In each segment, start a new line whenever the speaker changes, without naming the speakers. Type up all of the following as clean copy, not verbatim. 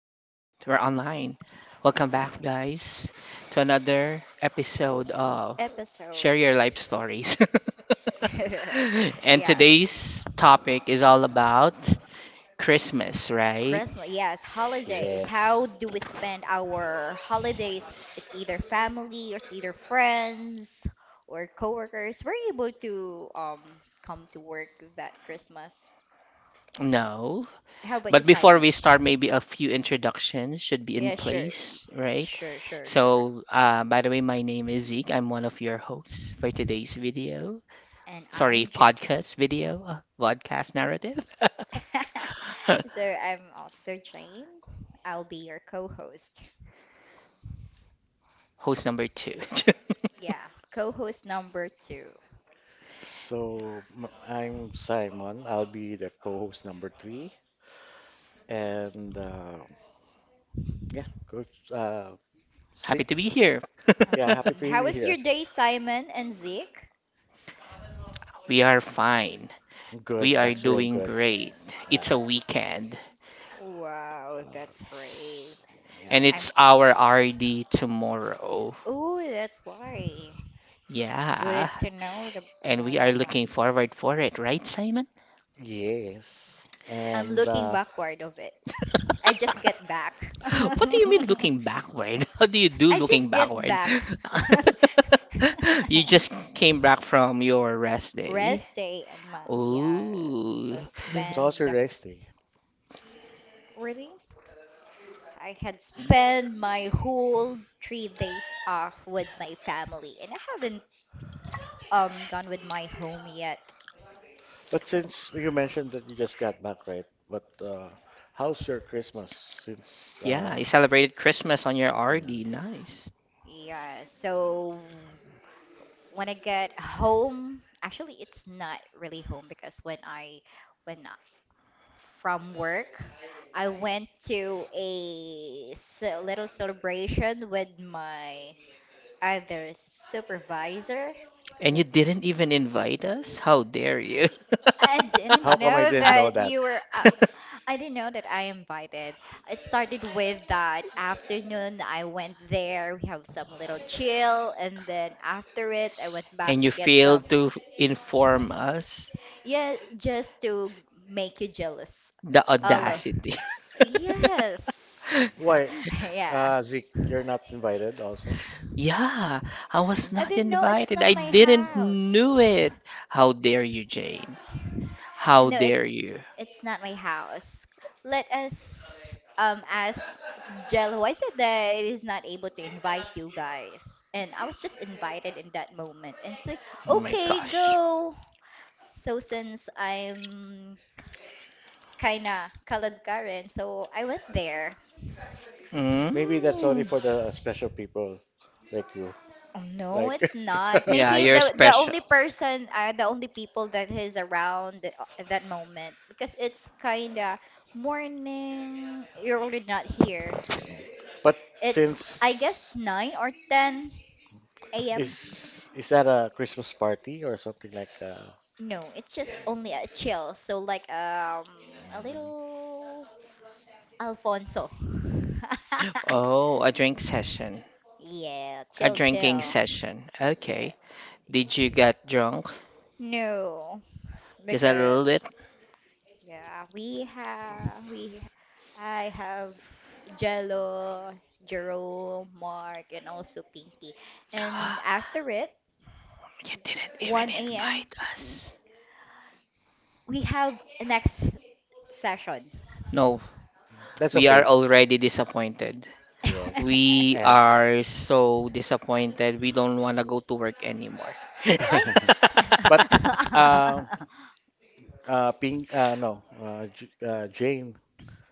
we're online. Welcome back, guys, to another episode of
Episode.
Share Your Life Stories.
Yeah.
And today's topic is all about Christmas, right?
Christmas, yes,
S-
holidays.
Yes.
How do we spend our holidays? It's either family, or it's either friends, or coworkers. We're able to come to work that Christmas.
no.
How about you,
But before we
Simon?
start, maybe a few introductions should be in
Yeah, sure,
place, right?
sure, sure, sure.
So, by the way, my name is Zeke. I'm one of your hosts for today's video.
And
Sorry,
I'm J-
podcast video, podcast narrative.
so I'm also Jane. I'll be your co-host.
Host number two.
Yeah, co-host number two.
So I'm Simon. I'll be the co-host number three. And
Mm.
yeah, Coach
Happy
Sick.
to be here.
Yeah, happy
Um,
to
how
be
was
here.
your day, Simon and Zeke?
We are fine.
I'm good.
We are
Mm.
Actually, I'm
doing
good.
great.
Yeah.
It's a
Oh,
weekend
wow,
Uh,
that's great.
it's- yeah.
and
And I'm.
it's our RD tomorrow.
Oh, that's why. Good
Yeah.
to know
And we
about
are
that one.
looking forward for it, right, Simon?
Yes.
I'm
And
looking backward of it. I just get back.
What do you mean looking backward? How do you do
I
looking
just get
backward?
back.
You just came back from your rest day.
Rest day, and my, yeah, so
Oh,
so
spend
how's your rest day?
really. I had spent my whole 3 days off with my family, and I haven't gone with my home yet.
But since you mentioned that you just got back, right? But how's your Christmas? Since
yeah, you celebrated Christmas on your RD.
yeah.
Nice.
Yeah, so when I get home, actually it's not really home, because when from work. I went to a little celebration with my other supervisor.
And
who-
you didn't even invite us? How dare you?
I
How
didn't
come I
know
didn't know
that
that?
you were. I didn't know that I invited. It started with that afternoon. I went there. We have some little chill, and then after it, I went back
And
to
you
get some.
failed to inform us?
Yeah, just to make you jealous.
The
All of
audacity.
Yes.
Why,
Yeah.
Zeke, you're not invited also?
Yeah, I was
I
not
didn't
Mm.
know it's
invited.
not
I
my
didn't
house.
knew it. How dare you, Jane? How
No, it
dare you?
it's not my house. Let us ask Jel, why is it that it is not able to invite you guys? And I was just invited in that moment, and it's like,
Oh my
okay,
gosh.
go. So since I'm kinda colored Karen, so I went there. Mm.
Maybe that's only
Mm.
for the special people like you.
Oh, no,
Like,
it's not.
Yeah,
Maybe
you're
the
special.
only person are the only people that is around at that moment, because it's kinda morning. You're already not here.
but
It's, I guess,
since
9 or 10 a.m.
is that a Christmas party or something like?
No, it's just only a chill. So like a
Mm,
little Alfonso.
Oh, a drink session.
Yeah,
A
chill,
drinking
chill.
session.
Yeah.
Okay. Did you get drunk?
No,
Just a
because,
little bit?
yeah, we have we I have Jello, Jerome, Mark, and also Pinky. And after it,
You didn't even
1 a.m.
invite us.
we have next session.
No,
that's
we are
okay.
already disappointed.
Yes,
We
and
are so disappointed. We don't want to go to work anymore.
Ay.
but uh, Ping, no, Jane.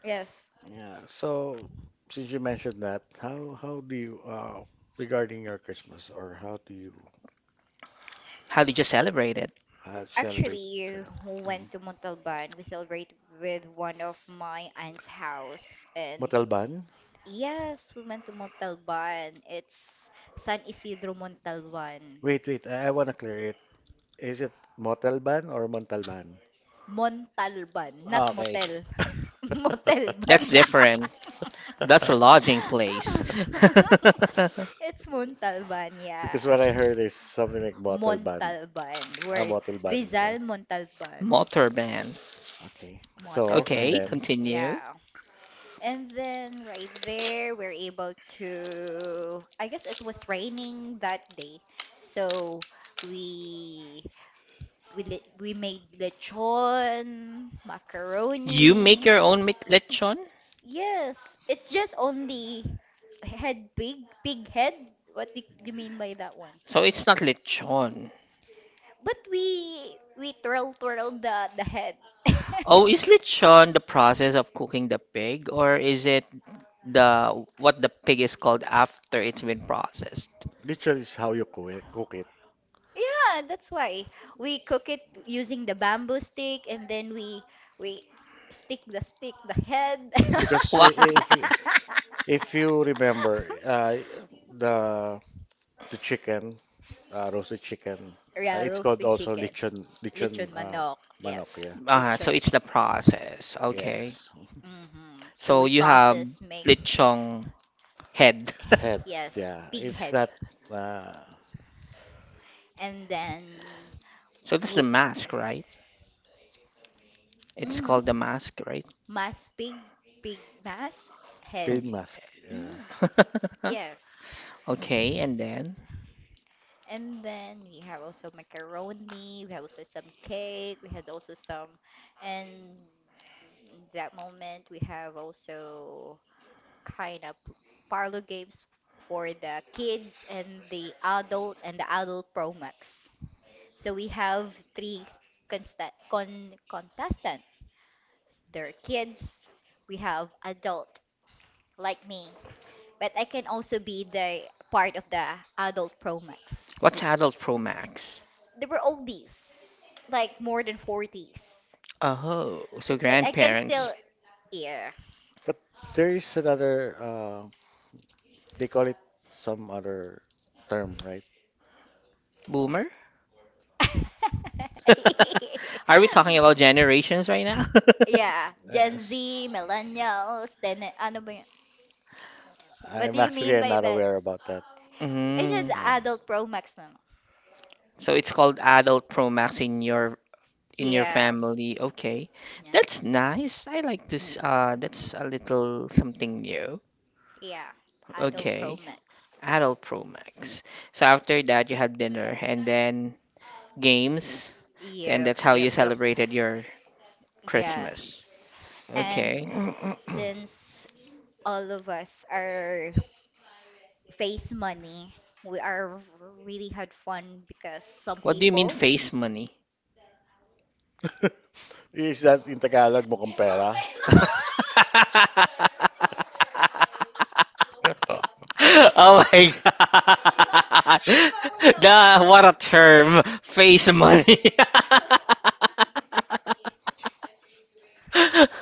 Yes.
Yeah. So since you mentioned that, how do you regarding your Christmas, or how do you
How did you celebrate it?
celebrate uh,
Actually, we went to Montalban. We celebrate with one of my aunt's house, and
Montalban?
yes, we went to Montalban. It's San Isidro Montalban.
Wait, wait. I want to clear it. Is it Montalban or Montalban?
Montalban, not
Okay.
motel.
That's
Motelban.
different. That's a lodging place.
It's Montalban,
Because
yeah.
what I heard is something like Montalban.
Montalban.
Ah,
Word.
Montalban.
Rizal Montalban.
Motor band.
Okay. So, and
Motorvan.
Okay,
then
continue.
Yeah. And then right there, we're able to, I guess it was raining that day. So we we made lechon,
You make
macaroni.
your own lechon?
Yes, it's just only head pig, pig head. What do you mean by that one?
So it's not lechon.
But we twirl the head.
Oh, is lechon the process of cooking the pig, or is it the what the pig is called after it's been processed?
literally is how you cook it.
Yeah, that's why we cook it using the bamboo stick, and then we stick the head.
Because
Wow.
if you remember, the the chicken, roasted chicken.
Yeah,
It's called
roasted
also
chicken.
lechon
Lechon manok. Yes.
manok. Yeah.
Ah, so
Lechon.
it's the process. Okay.
Yes.
So
So
we
you have
process make,
lechong head.
Head.
yes,
Yeah.
pig
It's
head,
that uh,
and then
So that's the
w-
mask, right? It's
mm-hmm.
called the mask, right?
Mass pig, pig mass, head.
pain
Okay.
mask. Yeah.
Hmm. Yes.
Okay, and then,
And then we have also macaroni, we have also some cake, we had also some, and that moment we have also kind of parlor games for the kids and the adult Pro Max. So we have three consta con contestant. They're kids, we have adult like me, but I can also be the part of the adult Pro Max.
what's Adult Pro Max?
They were oldies, like more than 40s.
Oh, so
But I can
grandparents.
still hear.
But there is another. They call it some other term, right?
Boomer? Are we talking about generations right now?
Yeah, Gen Z,
Yes.
millennials, then ano ba yun? What
I'm
do you mean
actually
by
not
that?
aware about that.
It's just
Mm,
Uh,
adult Pro Max na lang.
so it's called Adult Pro Max in your
Yeah.
family. Okay,
Yeah.
that's nice. I like this. That's a little something new.
Yeah. Adult Pro
Okay,
Max.
Adult Pro Max. So after that, you had dinner and then games, and
Yep,
that's how
yep,
you
yep.
celebrated your
Yes.
Christmas.
And
Okay,
since all of us are face money, we are really had fun because some
what do you mean
people,
face money?
is that in Tagalog mukhang pera?
Oh my god. The, what a term. Face money.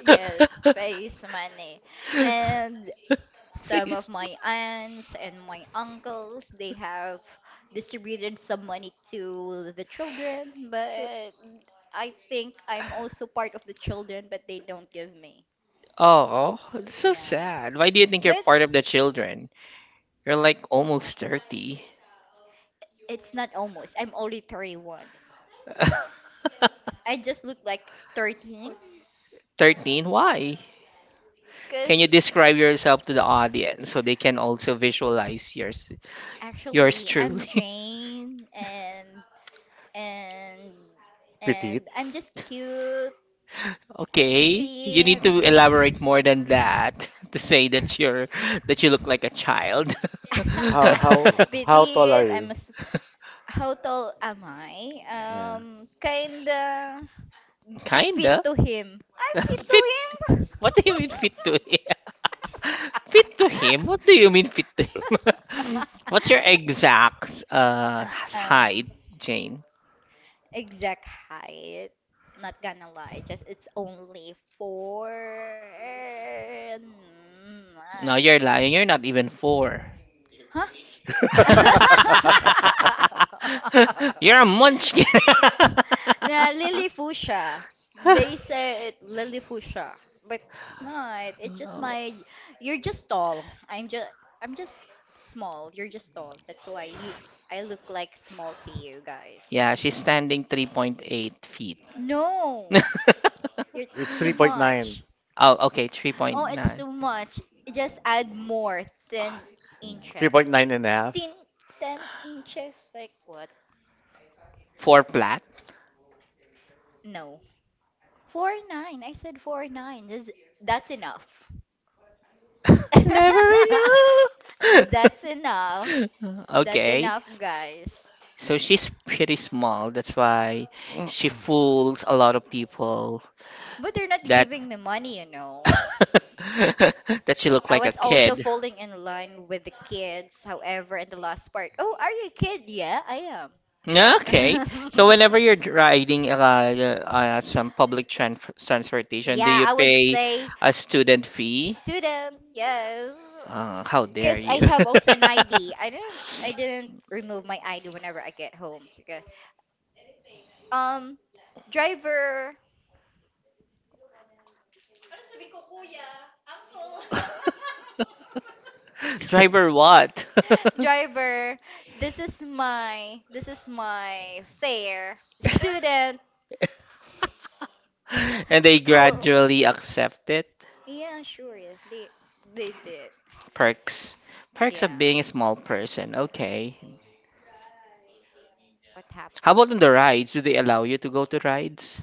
yes, face money. And some of
Please.
my aunts and my uncles, they have distributed some money to the children, but I think I'm also part of the children, but they don't give me.
Oh, that's so
Yeah.
sad. Why do you think you're
But
part of the children? You're like almost 30.
it's not almost. I'm only 31. I just look like 13.
13? Why? Can
Because
you describe yourself to the audience so they can also visualize yours, yours
actually,
truly?
I'm Jane, and and and
Petite.
I'm just cute,
Okay, you
petite.
need to elaborate more than that to say that you look like a child.
How how how tall are
Petite. I'm
you?
a s how tall am I?
Yeah.
Kinda fit
Kinda.
to him. I fit to
Fit.
him.
What do you mean fit to it? Fit to him? What do you mean fit to him? What's your exact
Uh, um,
height, Jane?
exact height. Not gonna lie, just it's only 4'9".
No, you're lying. You're not even four.
Huh?
You're a munchkin.
Na Lillifusha. They say it Lillifusha, but it's not. It's just my. You're just tall. I'm just small. You're just tall. That's why I look like small to you guys.
Yeah, she's standing 3.8 feet.
No, it's
It's
too
3.9.
much.
Oh, okay,
Oh, it's
3.9.
too much. Just add more. 10 inches.
3.9
10, 10 inches? Like what?
Four flat.
No, 4'9". I said 4'9". That's enough.
Never enough.
That's enough. That's
Okay.
enough, guys.
So she's pretty small. That's why she fools a lot of people
But they're not
that
giving me money.
that she look
I
like a
was also
kid.
falling in line with the kids, however, in the last part. Oh, are you a kid? Yeah, I
Okay.
am.
So whenever you're riding some public transportation, do
Yeah,
you
I would
pay
say
a student fee?
student, yes.
How dare
Cause I
you?
have also an ID. I didn't remove my ID whenever I get home. So good. Um driver.
Driver what?
Driver, this is my fare. Student.
And they
School.
gradually accept it.
Yeah, sure, yeah. They did.
Perks. Perks
Yeah.
of being a small person. Okay.
What
How
happened?
about on the rides? Do they allow you to go to rides?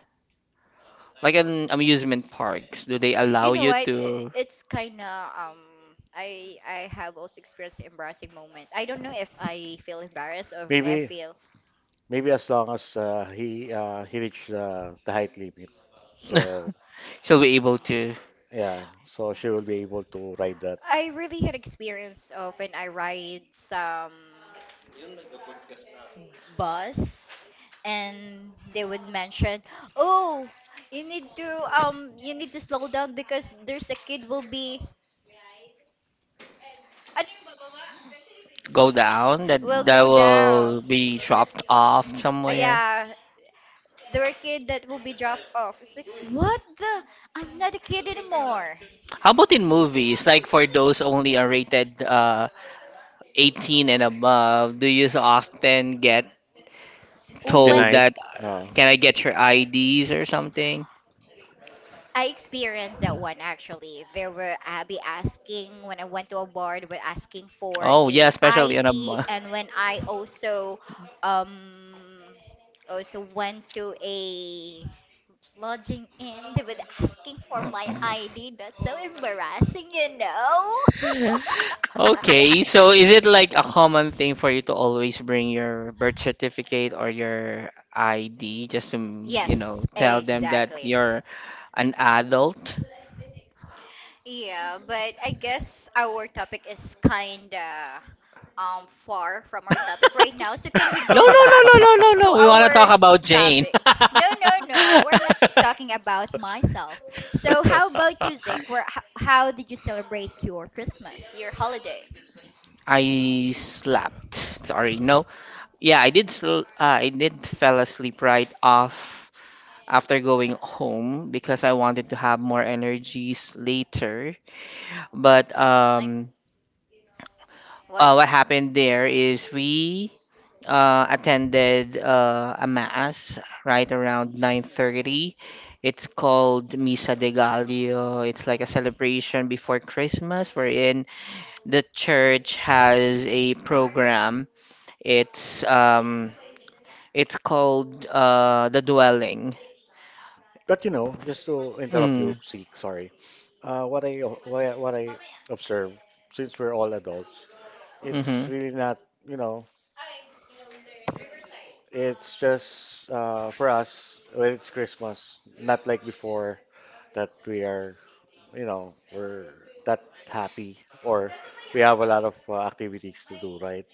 Like in amusement parks, do they
You
allow
know
you
what?
to
It's kind of, I have also experienced an embarrassing moment. I don't know if I feel embarrassed or if I
Maybe
feel.
as long as he reached the height limit. So
shall be able to
yeah, so she will be able to ride that
I really had experience of when I ride some bus, and they would mention, "Oh, you need to, you need to slow down because there's a kid uh,
go down that
will
that
go
will
down."
be dropped off somewhere?
Yeah, there were kids that will be dropped off. It's like, what the? I'm not a kid anymore.
How about in movies? Like for those only are rated 18 and above, do you so often get
When
told
tonight.
that,
Uh,
can I get your IDs or something?
I experienced that one, actually. There were Abby asking when I went to a bar, they were asking for
Oh yeah,
a
especially on a
ID, and when I um also went to a lodging in, they were asking for my ID. That's so embarrassing.
Okay, so is it like a common thing for you to always bring your birth certificate or your ID just to, you know,
Yes,
tell them that
exactly.
you're an adult?
Yeah, but I guess our topic is kinda far from our topic right now. So can we
No,
go
no, no,
back
no, no, no,
to
no. We want to
our
talk about Jane.
topic? No, no, no. We're not talking about myself. So how about you, Zeke? How did you celebrate your Christmas, your holiday?
I slept. Sorry, no. Yeah, I did. I did fell asleep right off after going home because I wanted to have more energies later. But
Like,
um,
what?
uh, what happened there is we attended a mass right around 9:30. It's called Misa de Gallo. It's like a celebration before Christmas, wherein the church has a program. It's um, it's called the dwelling.
but just to interrupt you,
Mm,
Seek. Sorry. What I observe, since we're all adults, it's
mm-hmm,
really not you know It's just for us when it's Christmas, not like before that we are, you know, we're that happy, or we have a lot of activities to do, right?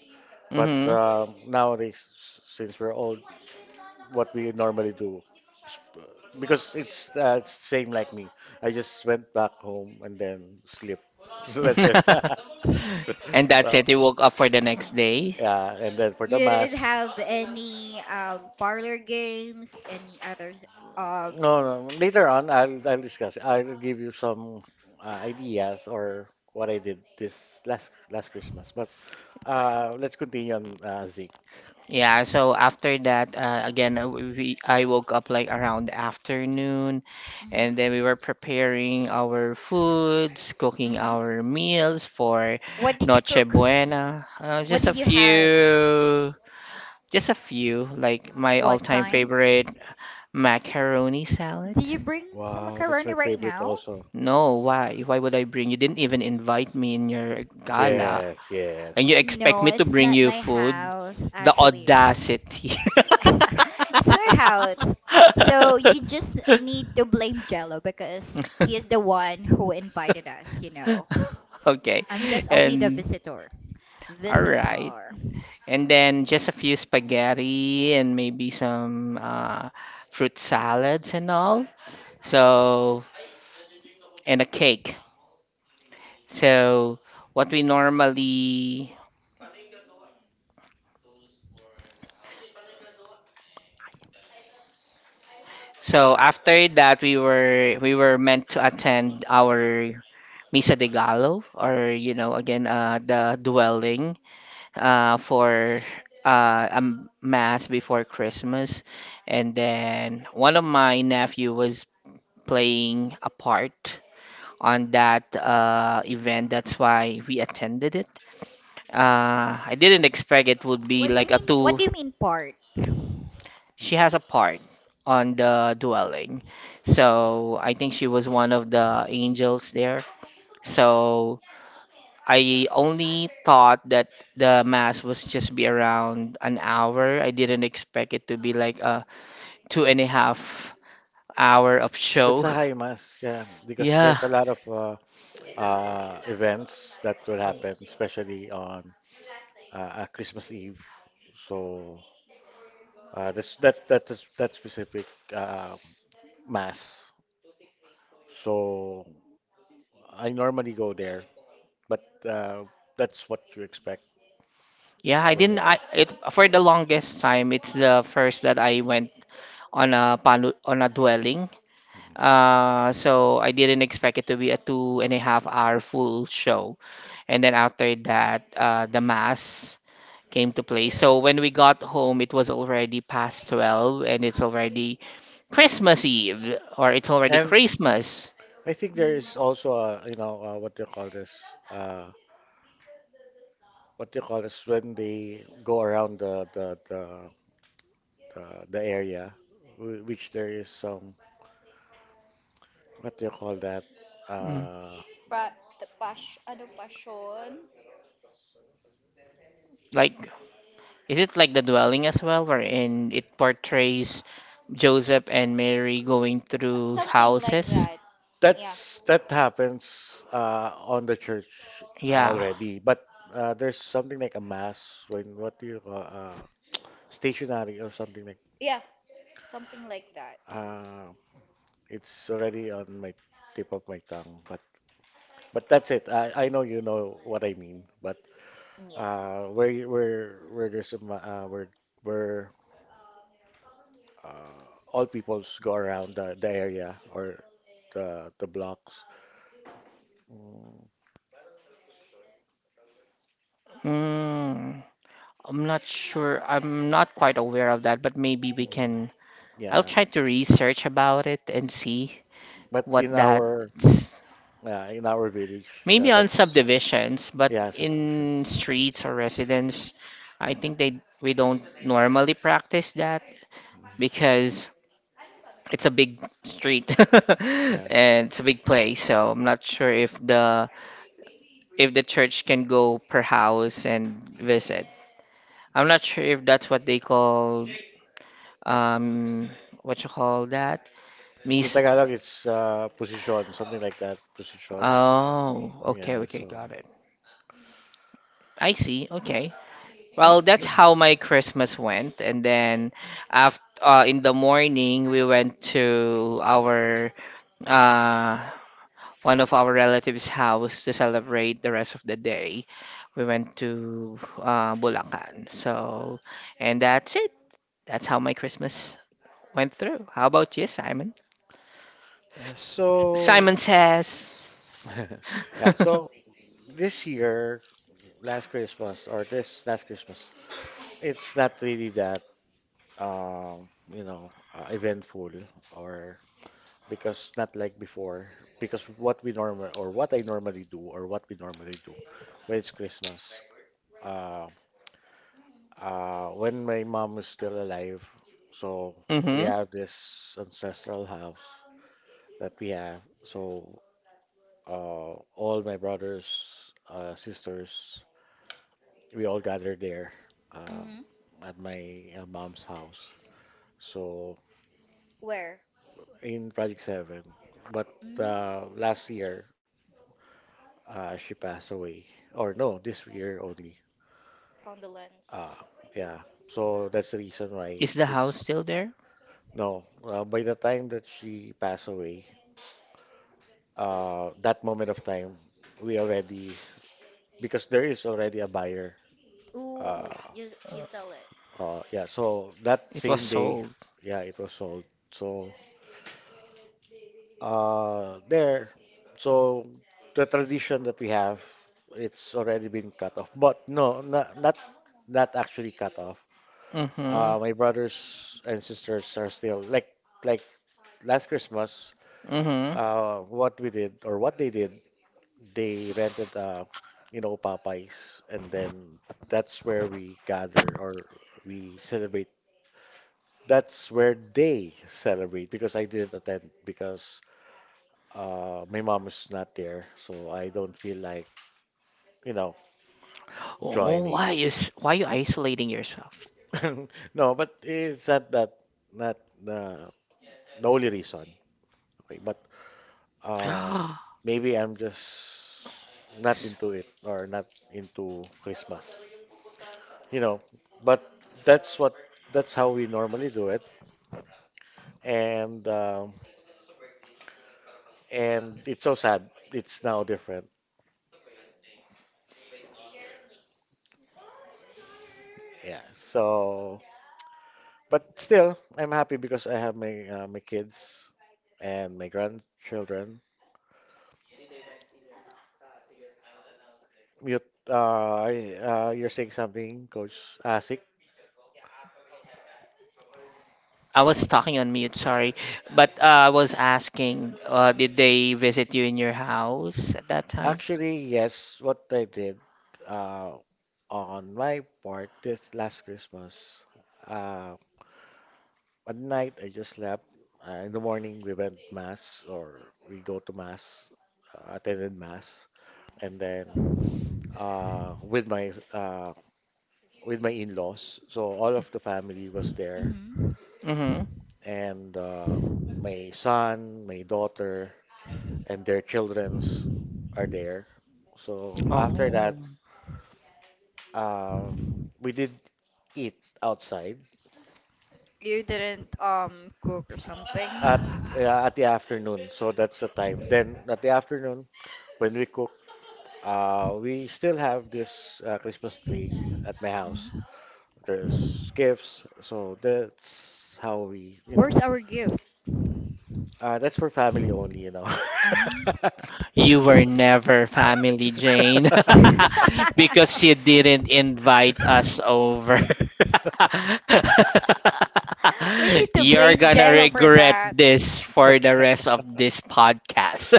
But
mm-hmm.
nowadays, since we're old, what we normally do, s- because it's same like me. I just went back home and then sleep. So that's it.
And that's
So
it. You
Y-
woke up for the next day.
yeah, and then for the
You didn't
mass.
have any parlor games, any others, um
No, no. Later on, I'll discuss it. I'll give you some ideas, or what I did this last last Christmas. But let's continue on Zeke.
Yeah, so after that, again, we I woke up like around afternoon,
mhm,
and then we were preparing our foods, cooking
mhm.
our meals for
What did you
Noche
cook?
Buena.
What did you have?
Just a few, like my
What
all-time
kind?
favorite macaroni salad.
Do you bring some
Wow, that's my
macaroni right
favorite
now?
also.
No, why? Why would I bring you? Didn't even invite me in your gala,
Yes,
and you
yes.
expect
No,
me to
it's
bring
not
you
my
food?
house,
The
actually.
audacity.
It's our house. So you just need to blame Jello, because he is the one who invited us.
Okay.
I'm just only the
And
visitor.
all right.
Visitor.
And then just a few spaghetti and maybe some fruit salads and all. So, and a cake. So, what we normally so after that we were meant to attend our Misa de Gallo, or you know again, the dwelling for a mass before Christmas, and then one of my nephew was playing a part on that event. That's why we attended it. I didn't expect it would be
What do you
like a
mean? What
two.
do you mean part?
She has a part on the dwelling, so I think she was one of the angels there. So I only thought that the mass was just be around an hour. I didn't expect it to be like a 2.5 hour of
That's
show.
a high mass, yeah, because
Yeah.
there's a lot of events that will happen, especially on uh, Christmas Eve. So that is that specific uh, mass. So I normally go there, but that's what you expect
Yeah, I
when
didn't
you're
I
there.
it for the longest time it's the first that I went on a on a dwelling.
Mm.
So I didn't expect it to be a 2.5 hour full show. And then after that, the mass came to play. So when we got home, it was already past 12 and it's already Christmas Eve, or it's already
And
Christmas.
I think there
Mm.
is also a, what do you call this? Uh, what do you call this when they go around the, the area, which there is some what do you call that?
Mm.
Uh,
Pardon? Uh,
Like, is it like the dwelling as well, wherein it portrays Joseph and Mary going through
Something like
houses?
that. Yeah.
that's that happens on the church
Yeah.
already, but there's something like a mass when what do you call? Stationary or something like
Yeah. Something like that.
uh it's already on my tip of my tongue, but that's it. I know you know what I mean, but
Yeah.
where where there's a where where uh, all peoples go around the area, or the blocks.
Mm. I'm not sure. I'm not quite aware of that, but maybe we can. I'll
Yeah,
try to research about it and see
but
what
in
that.
our, yeah, in our village, yeah,
Maybe on
that's,
subdivisions, but
yeah, Santa.
in streets or residence, I think they we don't normally practice that,
Mhm.
because it's a big street
Yeah,
and it's a big place. So I'm not sure if the church can go per house and visit. I'm not sure if that's what they call um what you call that
in
miss.
Tagalog, it's position, something like that. Position.
Oh, okay,
Yeah,
okay,
so.
got it. I see. Okay. Well, that's how my Christmas went, and then after, in the morning, we went to our uh one of our relatives' house to celebrate the rest of the day. We went to Bulacan. So, and that's it. That's how my Christmas
Wow.
went through. How about you, Simon?
Yeah, so
Simon says.
yeah, so this year, last Christmas, or this last Christmas, it's not really that eventful, or because not like before, because what we normally do, or what we normally do when it's Christmas. Uh, when my mom is still alive, so we
Mm-hmm.
have this ancestral house that we have. So all my brothers, sisters, we all gather there uh,
Mm-hmm.
at my mom's house. So
Where?
in Project 7, but
Mm,
last
it's
year,
just
she passed away, or no, this year only.
condolence.
Uh, yeah. So that's the reason why
Is the house
it's
still there?
no. By the time that she passed away, that moment of time, we already, because there is already a buyer.
Ooh,
Uh,
you sell it.
yeah, so that
It was
same day,
sold.
yeah, it was sold. So there, so the tradition that we have, it's already been cut off. But no, not actually cut off.
Mm-hmm.
My brothers and sisters are still like last Christmas.
Mm-hmm.
What we did, or what they did, they rented Popeyes, and then that's where we gather, or we celebrate, that's where they celebrate, because I didn't attend, because my mom is not there, so I don't feel like you know
Oh,
joining.
why is why you isolating yourself?
No, but it's not that, not uh, the only reason, okay, but uh maybe I'm just not into it, or not into Christmas you know, but that's what, that's how we normally do it, and um, and it's so sad. It's now different. Yeah. So, but still, I'm happy because I have my kids and my grandchildren. You, you're saying something, Coach Asik?
I was talking on mute, sorry. But I was asking, did they visit you in your house at that time?
Actually, yes. What I did uh, on my part this last Christmas, uh, one night I just slept. In the morning we went mass, or we go to mass, attended mass, and then uh, with my uh, with my in-laws. So all of the family was there,
hmm
Mm-hmm.
and my son, my daughter, and their childrens are there. So after
Oh,
that, uh, we did eat outside
You didn't cook or something.
at at the afternoon. So that's the time. Then at the afternoon when we cook. We still have this Christmas tree at my house.
hmm
There's gifts, so that's how we,
Where's our gift?
that's for family only.
Um.
you were never family, Jane, because you didn't invite us over.
We need to
You're
blame
gonna
Jello for
regret
that.
this for the rest of this podcast.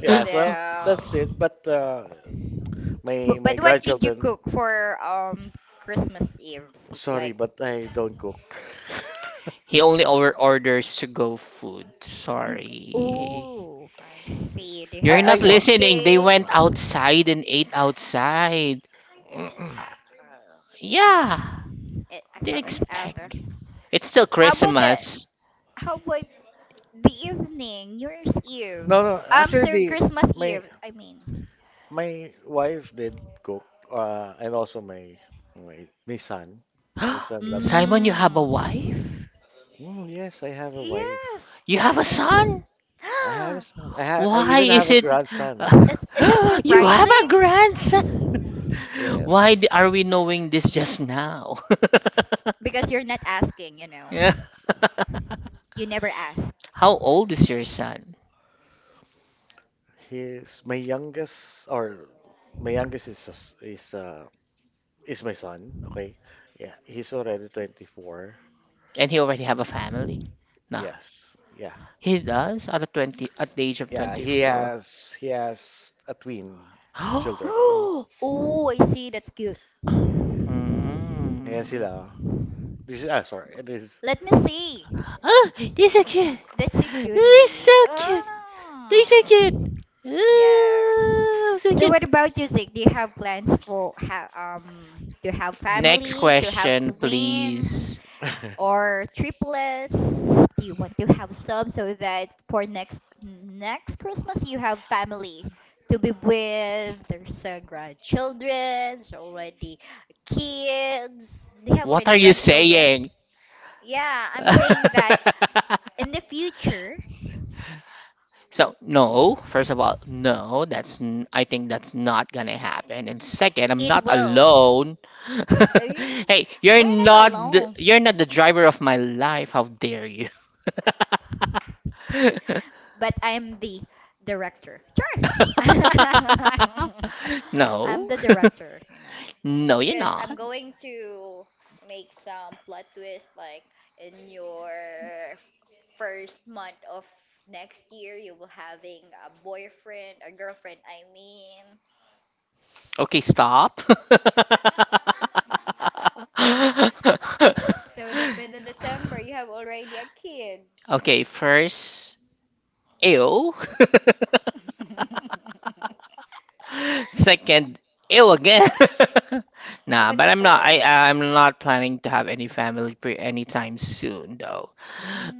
Yeah, so
No.
that's it. But my
But,
my
but what did you
grandchildren,
cook for Christmas Eve?
sorry,
Like,
but I don't cook.
He only over orders to go food.
mm,
Mm,
Sorry.
ooh, I see. They
You're
I
had
I
not
know.
some
listening. They
cake.
went outside and ate outside. Yeah.
I
What do you
thought it's after.
expect? It's still
How about the
Christmas.
how about the evening? New Year's Eve.
No, no.
Um,
Actually,
sorry,
the
Christmas
my
Eve. I mean.
my wife did cook, and also my son. My son loves to cook.
Simon, you have a
Mm.
wife?
Mm, yes, I have a wife.
Yes.
You have a son?
I have a son. I
Why
even
is
have a
it?
grandson.
Is it
You have
surprising?
a grandson?
Yes,
Are we knowing this just now?
Because you're not asking, you know.
Yeah.
You never ask.
How old is your son?
he's my youngest, or my youngest is s- is my son. Okay, yeah, he's already 24.
And he already have a family? No.
Yes, yeah,
He does at the 20 at the age of
yeah.
24.
He has a twin children.
Oh, I see. That's cute.
Ngayon
Mm.
sila. This is, sorry. This is
Let me see.
Oh, they're so cute.
That's a
They're
cutie.
so cute. They're
Ah.
so cute.
Yeah.
Oh, so
So
cute.
what about music? Do you have plans for ha to have
Next
family, to have
question,
twins
please.
or triplets? Do you want to have some, so that for next Christmas you have family to be with? There's, grandchildren, already kids. They have
What
already
are you
grandchildren.
saying?
Yeah, I'm saying that in the future.
So, no, first of all, no, that's I think that's not gonna happen. And second, I'm not
It will.
alone.
Eh,
Hey, you're
we're not
not
alone.
you're not the driver of my life. How dare.
But I'm the director. Sure. I'm
No.
the director.
No, you're
Because
not.
I'm going to make some plot twist, like in your first month of next year you will having a boyfriend, a girlfriend, I mean.
Okay, stop.
So that by the December you have already a kid.
Okay, first, ew.
Yeah.
Second, ew again.
Uh,
Nah,
but
but
the
I'm not.
third.
I'm not planning to have any family pre anytime soon, though.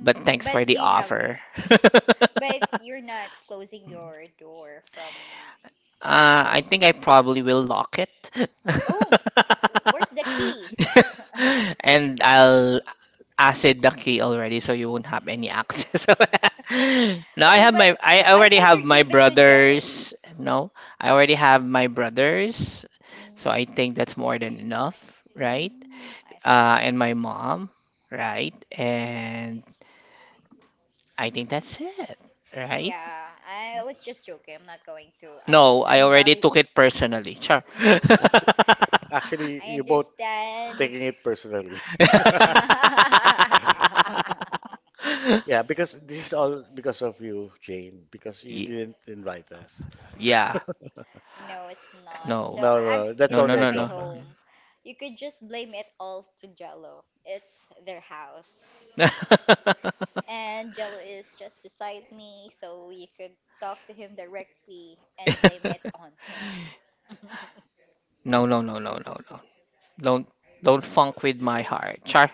But thanks for
but do
the
you have?
offer.
But you're not closing your door from.
I think I probably will lock it.
Oh, where's the key?
And I'll acid the key already so you won't have any access. Now I
What if
have
I?
my I
I
already
thought
have
you
my
give it to Jello.
brothers. No, I already have my brothers.
Mm.
So I think that's more than enough, right?
Mm, I see.
And my mom, right? And I think that's it, right?
Yeah, I was just joking. I'm not going to. I,
No, I
I'm
already
valid.
took it personally. Sure.
Mm,
actually
I
you both
understand.
taking it personally. Yeah, because this is all because of you, Jane, because you
Mm.
Ye-
didn't invite us.
Yeah.
No, it's not. So
No.
No,
I- I'm
no, no, that's
No,
it's
no,
only a
not
no,
my
no,
joke. Huh?
no, no.
home. You could just blame it all to Jello. It's their house. And Jello is just beside me, so you could talk to him directly and blame it on him.
No, no, no, no, no, no. Don't don't funk with my heart. Char.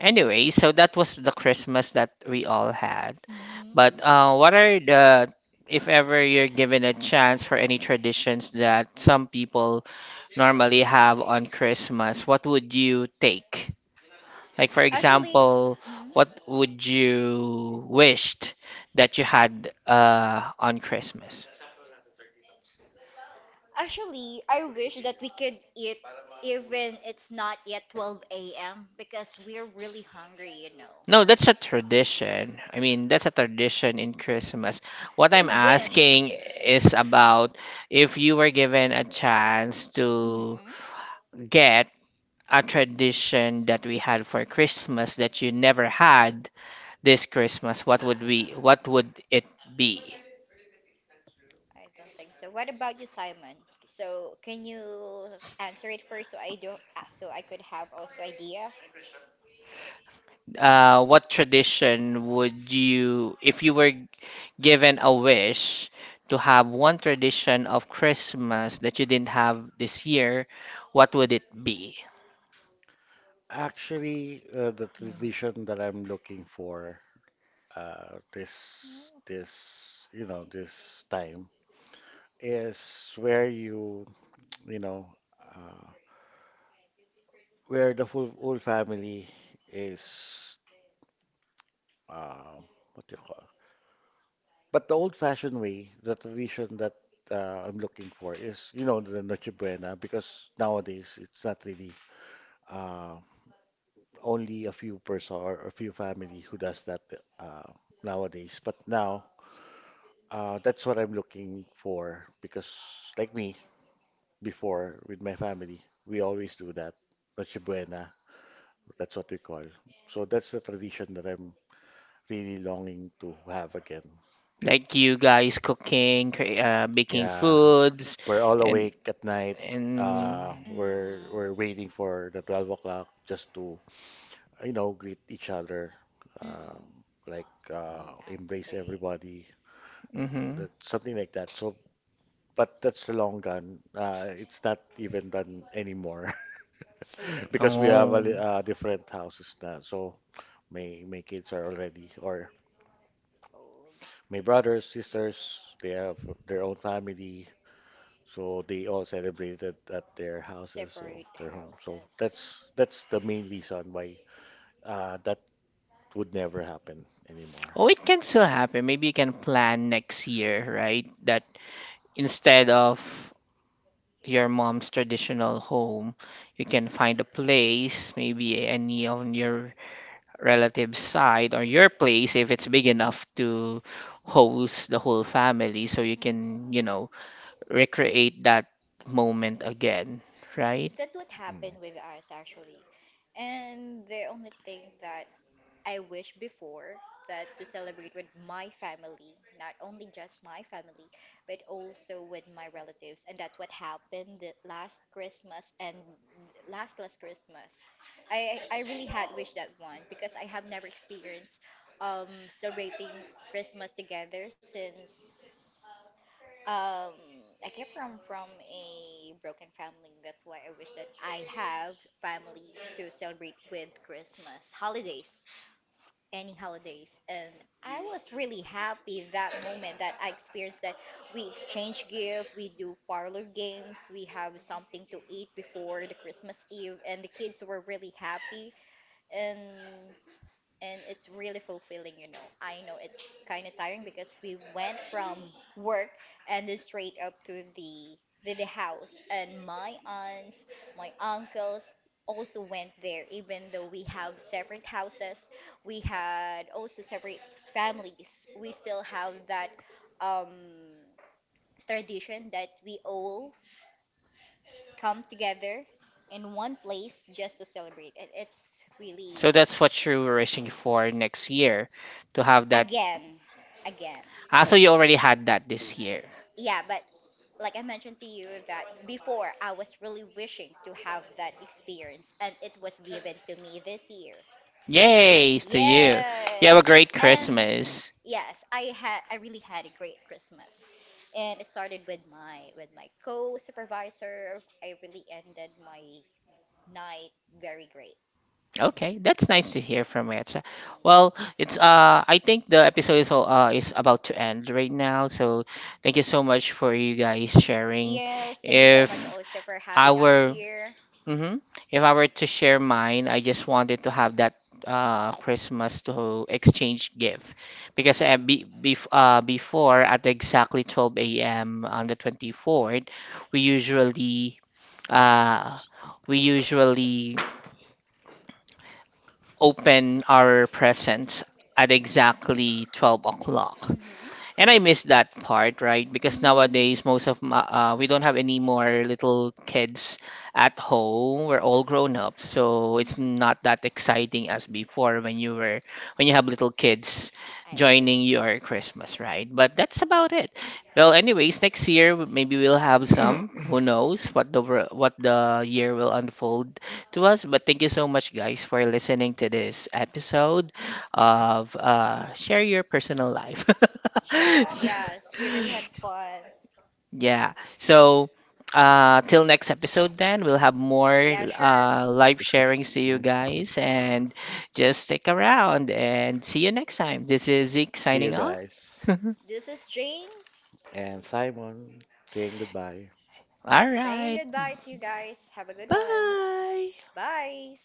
Anyway, so that was the Christmas that we all had.
Mhm.
But what are the, if ever you're given a chance for any traditions that some people normally have on Christmas, what would you take? Like for
Actually,
example,
mm,
what would you wished that you had, on Christmas?
Actually, I wish that we could eat even it's not yet 12 a.m., because we're really hungry.
No, that's a tradition. I mean, that's a tradition in Christmas. What
A
I'm
wish.
asking is about, if you were given a chance to
hmm
get a tradition that we had for Christmas that you never had this Christmas, what would it be?
I don't think so. What about you, Simon? So can you answer it first, so I could have also idea?
What tradition would you, if you were given a wish to have one tradition of Christmas that you didn't have this year, what would it be?
Actually, the tradition that I'm looking for this this time, is where you you know uh, where the full whole family is, uh, what do you call? But the old-fashioned way, the tradition that I'm looking for is the Noche Buena, because nowadays it's not really, uh, only a few person or a few family who does that uh, nowadays. But now, that's what I'm looking for, because, like me, before with my family, we always do that. Noche Buena, that's what we call. So that's the tradition that I'm really longing to have again.
Like you guys cooking, baking
Yeah,
foods,
we're all
and
awake at night.
and
Mm.
We're waiting for the 12 o'clock just to, greet each other,
Mm-mm.
um, like
Mm, I
embrace
see.
everybody,
mm-hmm.
that, something like that. So, but that's the long gun. It's not even done anymore,
Oh, I
because we
see.
have
Oh,
different houses now. So my kids are already, or
Oh,
my brothers, sisters, they have their own family. So they all celebrated at their houses, or
separate
their home. So that's
houses.
that's the main reason why that would never happen anymore.
oh, it can still happen. Maybe you can plan next year, right? That instead of your mom's traditional home, you can find a place, maybe any on your relative's side or your place if it's big enough to host the whole family so you
hmm
can, you know, recreate that moment again, right?
That's what
Mm.
happened with us actually. And the only thing that I wish before that, to celebrate with my family, not only just my family, but also with my relatives. And that's what happened the last Christmas and last Christmas. I really had wished that one, because I have never experienced celebrating Christmas together since um I came from a broken family. That's why I wish that I have families to celebrate with Christmas holidays, any holidays. I was really happy that moment that I experienced that we exchange gift, we do parlor games, we have something to eat before the Christmas Eve, and the kids were really happy. And and it's really fulfilling. I know it's kind of tiring, because we went from work and then straight up to the the house, and my aunts, my uncles also went there even though we have separate houses, we had also separate families. We still have that um tradition that we all come together in one place just to celebrate, and it's
So
really
that's what you were wishing for next year to have that.
again, again.
Ah, so you already had that this year.
Yeah, but like I mentioned to you that before I was really wishing to have that experience, and it was given to me this year.
Yay to you. You have a
Yes,
great
and
Christmas.
yes, I really had a great Christmas, and it started with my co-supervisor. I really ended my night very great.
Okay, that's nice to
Mm,
hear from Etsa. Well,
mm.
it's I think the episode is is about to end right now, so thank you so much for you guys sharing.
Yes, thank you so much
If
also for
I
having us
were
here.
hmm If I were to share mine, I just wanted to have that Christmas to exchange gift, because
Mm-hmm.
be, bef before at exactly 12 a.m. on the 24th, we usually uh we usually open our presents at exactly 12 o'clock.
Mm. Mm-hmm.
And I miss that part, right? Because nowadays, most of my, we don't have any more little kids at home. We're all grown up, so it's not that exciting as before when you were when you have little kids
I see.
joining your Christmas, right? But that's about it. Well, anyways, next year maybe we'll have some. Who knows what what the year will unfold to us? But thank you so much, guys, for listening to this episode of share your personal life.
Sure.
So-
Yes, we really had fun.
yeah. So till next episode, then we'll have more
Yeah, sure.
live
Discussion.
sharings to you
Mhm.
guys, and just stick around and see you next time. This is Zeke
See you
signing off.
guys.
All
This is Jane
And Simon saying goodbye.
saying
right.
goodbye to you guys. Have a good one.
Bye.
Bye.